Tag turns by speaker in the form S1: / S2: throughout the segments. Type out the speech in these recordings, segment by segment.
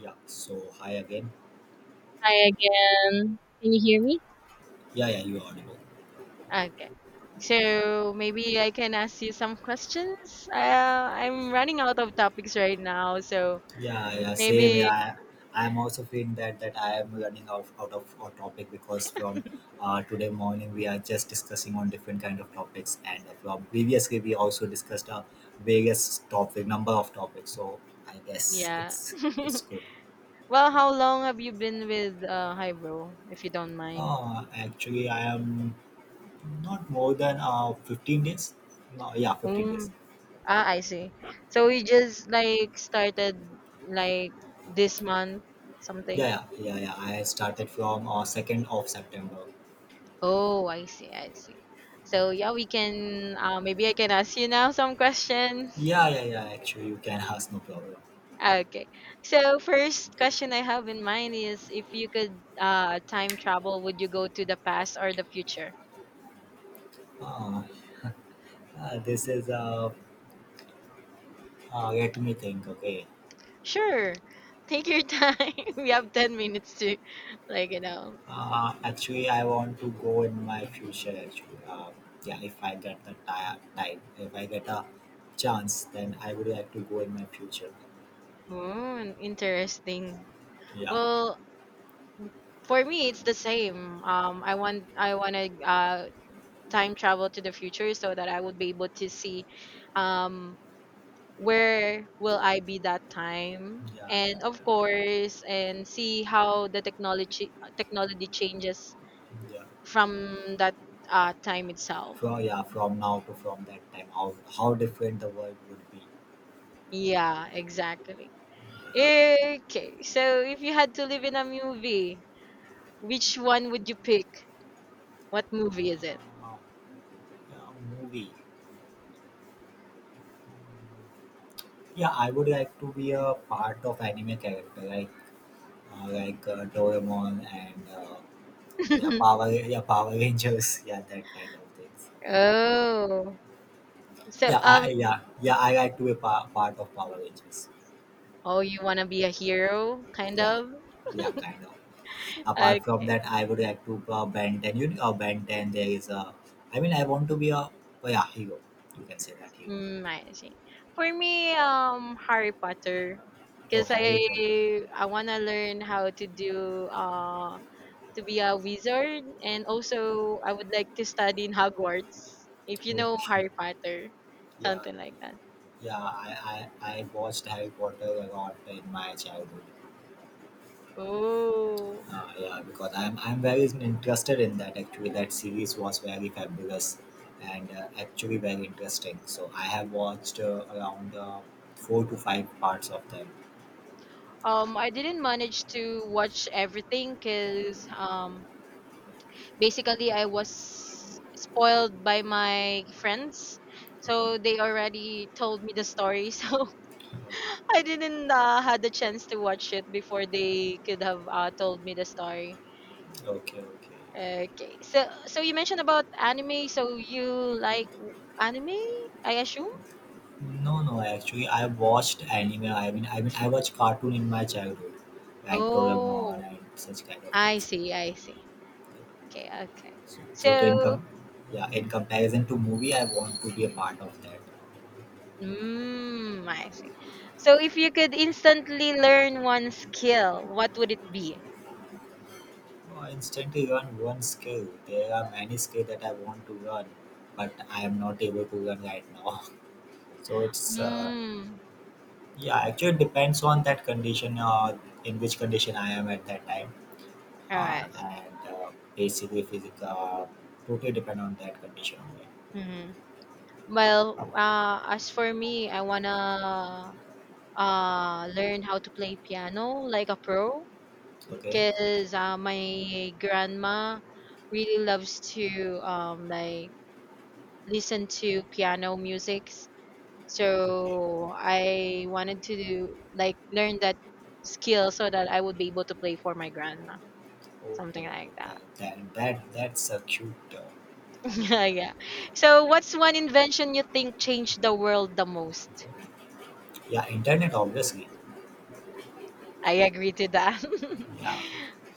S1: Yeah, so hi again.
S2: Hi again. Can you hear me?
S1: Yeah, yeah, you are audible.
S2: Okay. So maybe I can ask you some questions. Uh, I'm running out of topics right now, so
S1: Yeah, yeah, same.
S2: maybe
S1: Yeah, I am also feeling that I am running out of our topic because from today morning we are just discussing on different kind of topics, and from previously we also discussed various topic number of topics. So I guess
S2: yeah.
S1: it's good.
S2: Well, how long have you been with Hybro, if you don't mind?
S1: Actually, I am not more than 15 days. No, yeah, 15 days.
S2: Mm. Ah, I see. So you just like started like this month, something.
S1: Yeah, yeah, yeah, yeah. I started from September 2nd.
S2: Oh, I see, I see. So
S1: Yeah.
S2: yeah, we can maybe I can ask you now some questions.
S1: Yeah, yeah, yeah. Actually, you can ask, no problem.
S2: Ah, okay. So first question I have in mind is if you could time travel, would you go to the past or the future?
S1: Uh, this is Let me think. Okay.
S2: Sure. Take your time. We have 10 minutes to like,
S1: Actually, I want to go in my future. Actually, yeah. If I get the time, if I get a chance, then I would like to go in my future.
S2: Mm, interesting.
S1: Yeah,
S2: Well, for me it's the same. I want to time travel to the future so that I would be able to see um where will I be that time?
S1: yeah, yeah, yeah.
S2: And of course, and see how the technology changes
S1: Yeah.
S2: from that time itself.
S1: From, yeah, from now to from that time, how different the world would be.
S2: Yeah, exactly. Okay, so if you had to live in a movie, which one would you pick? What movie is it?
S1: Uh, yeah, Movie. Yeah, I would like to be a part of anime character. Like Doraemon and yeah, Power Rangers, yeah, that kind of things.
S2: Oh, so
S1: Yeah, I like to be part of Power Rangers.
S2: oh, you wanna be a hero, kind
S1: Yeah,
S2: of?
S1: yeah, kind of. Apart from
S2: Okay.
S1: that, I would like to Ben 10. You know, Ben 10. There is a. I mean, I want to be a, oh, yeah, hero. You can say that hero.
S2: Mm, I see. For me, Harry Potter,
S1: Oh,
S2: because I
S1: Harry Potter.
S2: I wanna learn how to do to be a wizard, and also I would like to study in Hogwarts. If you know
S1: Okay.
S2: Harry Potter,
S1: Yeah,
S2: something like that.
S1: yeah. I watched Harry Potter a lot in my childhood.
S2: Oh,
S1: Yeah, because I'm very interested in that, actually. That series was very fabulous and actually very interesting. So I have watched around four to five parts of them.
S2: I didn't manage to watch everything because basically I was spoiled by my friends,
S1: Okay,
S2: so they already told me the story. So I didn't had the chance to watch it before they could have told me the story.
S1: okay, okay.
S2: Okay, so you mentioned about anime. So you like anime? I assume.
S1: No, no. Actually, I watched anime. I mean, I watched cartoon in my childhood, like
S2: Oh,
S1: Doraemon and such kind of
S2: I
S1: things.
S2: see. I see. Okay. Okay.
S1: So,
S2: So,
S1: yeah, in comparison to movie, I want to be a part of that.
S2: mm, I see. So if you could instantly learn one skill, what would it be?
S1: No, instantly learn one skill. There are many skills that I want to learn, but I am not able to learn right now. So it's
S2: Mm.
S1: yeah, actually it depends on that condition, in which condition I am at that time,
S2: All right.
S1: and basically physical totally depend on that condition only.
S2: Mm-hmm. Well, as for me, I wanna learn how to play piano like a pro
S1: Okay,
S2: because my grandma really loves to like listen to piano musics
S1: okay,
S2: so I wanted to do like learn that skill so that I would be able to play for my grandma
S1: okay,
S2: something
S1: okay.
S2: like that.
S1: That's a cute. I mean,
S2: Yeah, yeah. So what's one invention you think changed the world the most?
S1: yeah, internet obviously.
S2: I agree to that.
S1: Yeah,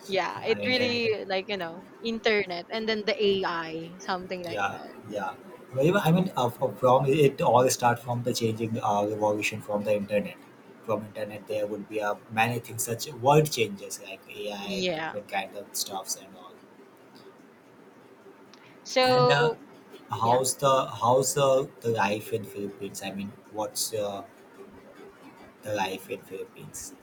S2: Yeah,
S1: yeah,
S2: it really
S1: internet.
S2: like you know internet and then the AI something like
S1: Yeah,
S2: that.
S1: yeah. Well, I mean, from it all start from the changing revolution from the internet. From internet, there would be many things, such world changes like AI and
S2: Yeah.
S1: different kind of stuffs and all. And
S2: So yeah.
S1: how's the life in Philippines? I mean, what's the life in Philippines?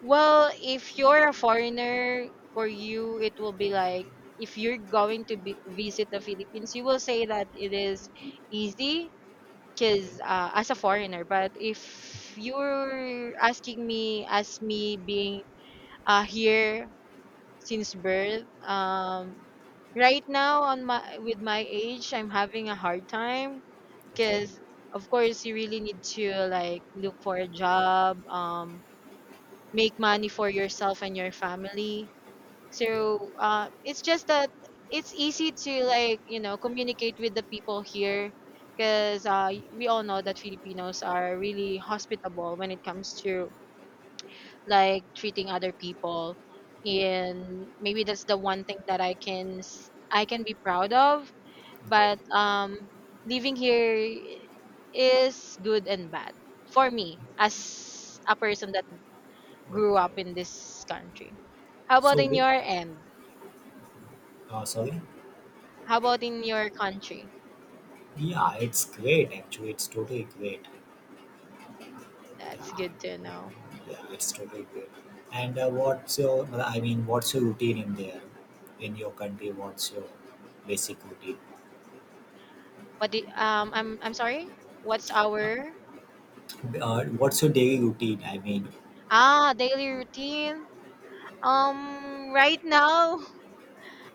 S2: Well, if you're a foreigner, for you it will be like if you're going to be, visit the Philippines, you will say that it is easy
S1: Okay,
S2: because as a foreigner. But if you're asking me as me being here since birth. Right now, on my with my age, I'm having a hard time
S1: okay,
S2: because, of course, you really need to like look for a job, make money for yourself and your family.
S1: yeah,
S2: So it's just that it's easy to like you know communicate with the people here because we all know that Filipinos are really hospitable when it comes to like treating other people and maybe that's the one thing that I can s- I can be proud of
S1: okay,
S2: but living here is good and bad for me as a person that grew
S1: okay,
S2: up in
S1: okay.
S2: this country. How about
S1: So,
S2: in your end?
S1: sorry.
S2: How about in your country?
S1: Yeah, it's great. Actually, it's totally great.
S2: That's good
S1: Yeah.
S2: to know.
S1: Yeah, it's totally great. And what's your, I mean, what's your routine in there, in your country? What's your basic routine?
S2: What the I'm sorry, what's our
S1: What's your daily routine? I mean,
S2: ah daily routine right now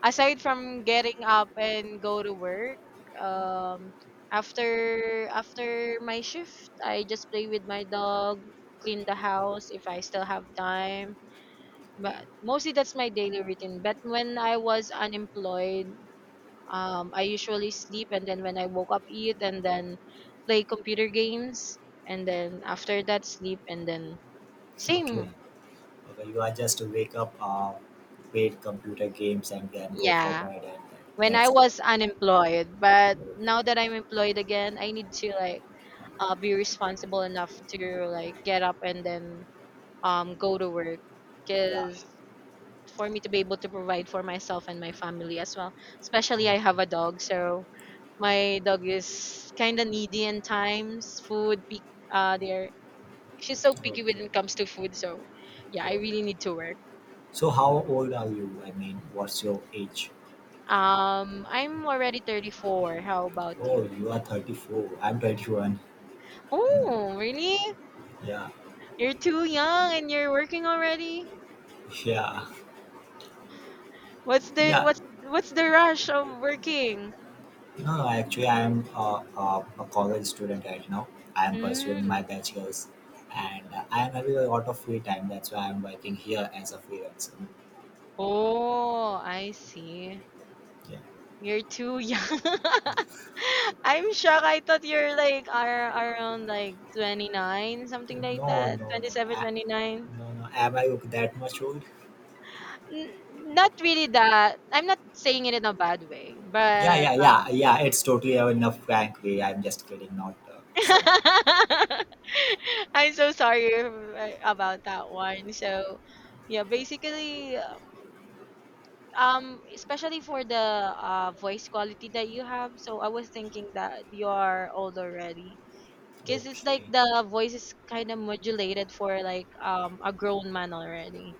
S2: aside from getting up and go to work, um, after my shift, I just play with my dog, clean the house if I still have time.
S1: okay,
S2: But mostly that's my daily routine. But when I was unemployed, I usually sleep and then when I woke up, eat and then play computer games and then after that sleep and then
S1: okay,
S2: same.
S1: okay. You are just to wake up, play computer games, and then go for
S2: Yeah,
S1: bed, and
S2: when I
S1: that's there.
S2: was unemployed. But now that I'm employed again, I need to like be responsible enough to like get up and then go to work
S1: Yeah, yeah.
S2: because for me to be able to provide for myself and my family as well, especially I have a
S1: Okay,
S2: dog. So my dog is kind of needy in times food pick there she's so picky when
S1: okay.
S2: it comes to food, so yeah, I
S1: Got it.
S2: really need to work.
S1: So, how old are you? I mean, what's your age?
S2: Um, I'm already 34. How about
S1: Oh,
S2: you?
S1: you are 34. I'm 21.
S2: Oh really?
S1: Yeah,
S2: You're too young and you're working already.
S1: yeah,
S2: What's the
S1: yeah.
S2: what's the rush of working?
S1: No, actually, I am a college student right now. I am pursuing my
S2: Mm.
S1: bachelor's, and I am having a lot of free time. That's why I am working here as a freelancer.
S2: Oh, I see.
S1: Yeah.
S2: You're too young. I'm shocked. I thought you're like are around like 29, something like
S1: No, no,
S2: that.
S1: no, no.
S2: 27, 29.
S1: No, no. Am I that much old?
S2: N- Not really that. I'm not saying it in a bad way,
S1: Yeah,
S2: but
S1: yeah, yeah, yeah. It's totally enough. Frankly, I'm just kidding. Not so.
S2: I'm so sorry about that one. So, yeah, basically especially for the voice quality that you have so I was thinking that you are old already because it's like
S1: Okay,
S2: the voice is kind of modulated for like a grown man already,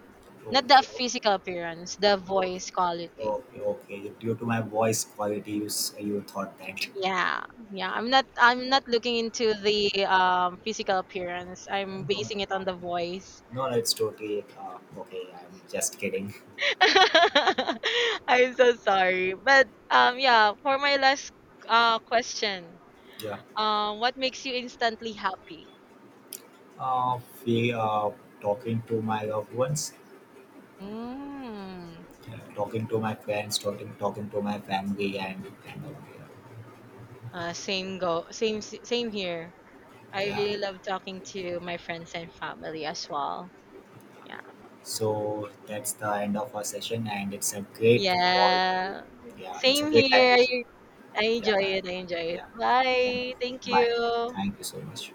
S2: not the
S1: okay, okay,
S2: physical appearance, the voice quality.
S1: okay, okay, okay. Due to my voice quality, you thought that.
S2: Yeah, yeah, I'm not looking into the physical appearance,
S1: No,
S2: I'm
S1: no,
S2: basing it on
S1: no,
S2: the voice.
S1: no, no. It's totally okay. I'm just kidding.
S2: I'm so sorry but yeah for my last question,
S1: Yeah.
S2: um, what makes you instantly happy?
S1: Uh, we Talking to my loved ones,
S2: Mm.
S1: yeah. Talking to my friends, talking to my family, and
S2: Same go same s- same here. I
S1: yeah.
S2: really love talking to my friends and family as well. Yeah.
S1: So that's the end of our session, and it's a great call. To,
S2: Yeah.
S1: yeah, it's a
S2: Same
S1: great time.
S2: here. I
S1: Yeah,
S2: enjoy
S1: thank-
S2: it. I enjoy it.
S1: yeah. Thank-
S2: Bye. Thank
S1: Bye.
S2: you.
S1: Thank you so much.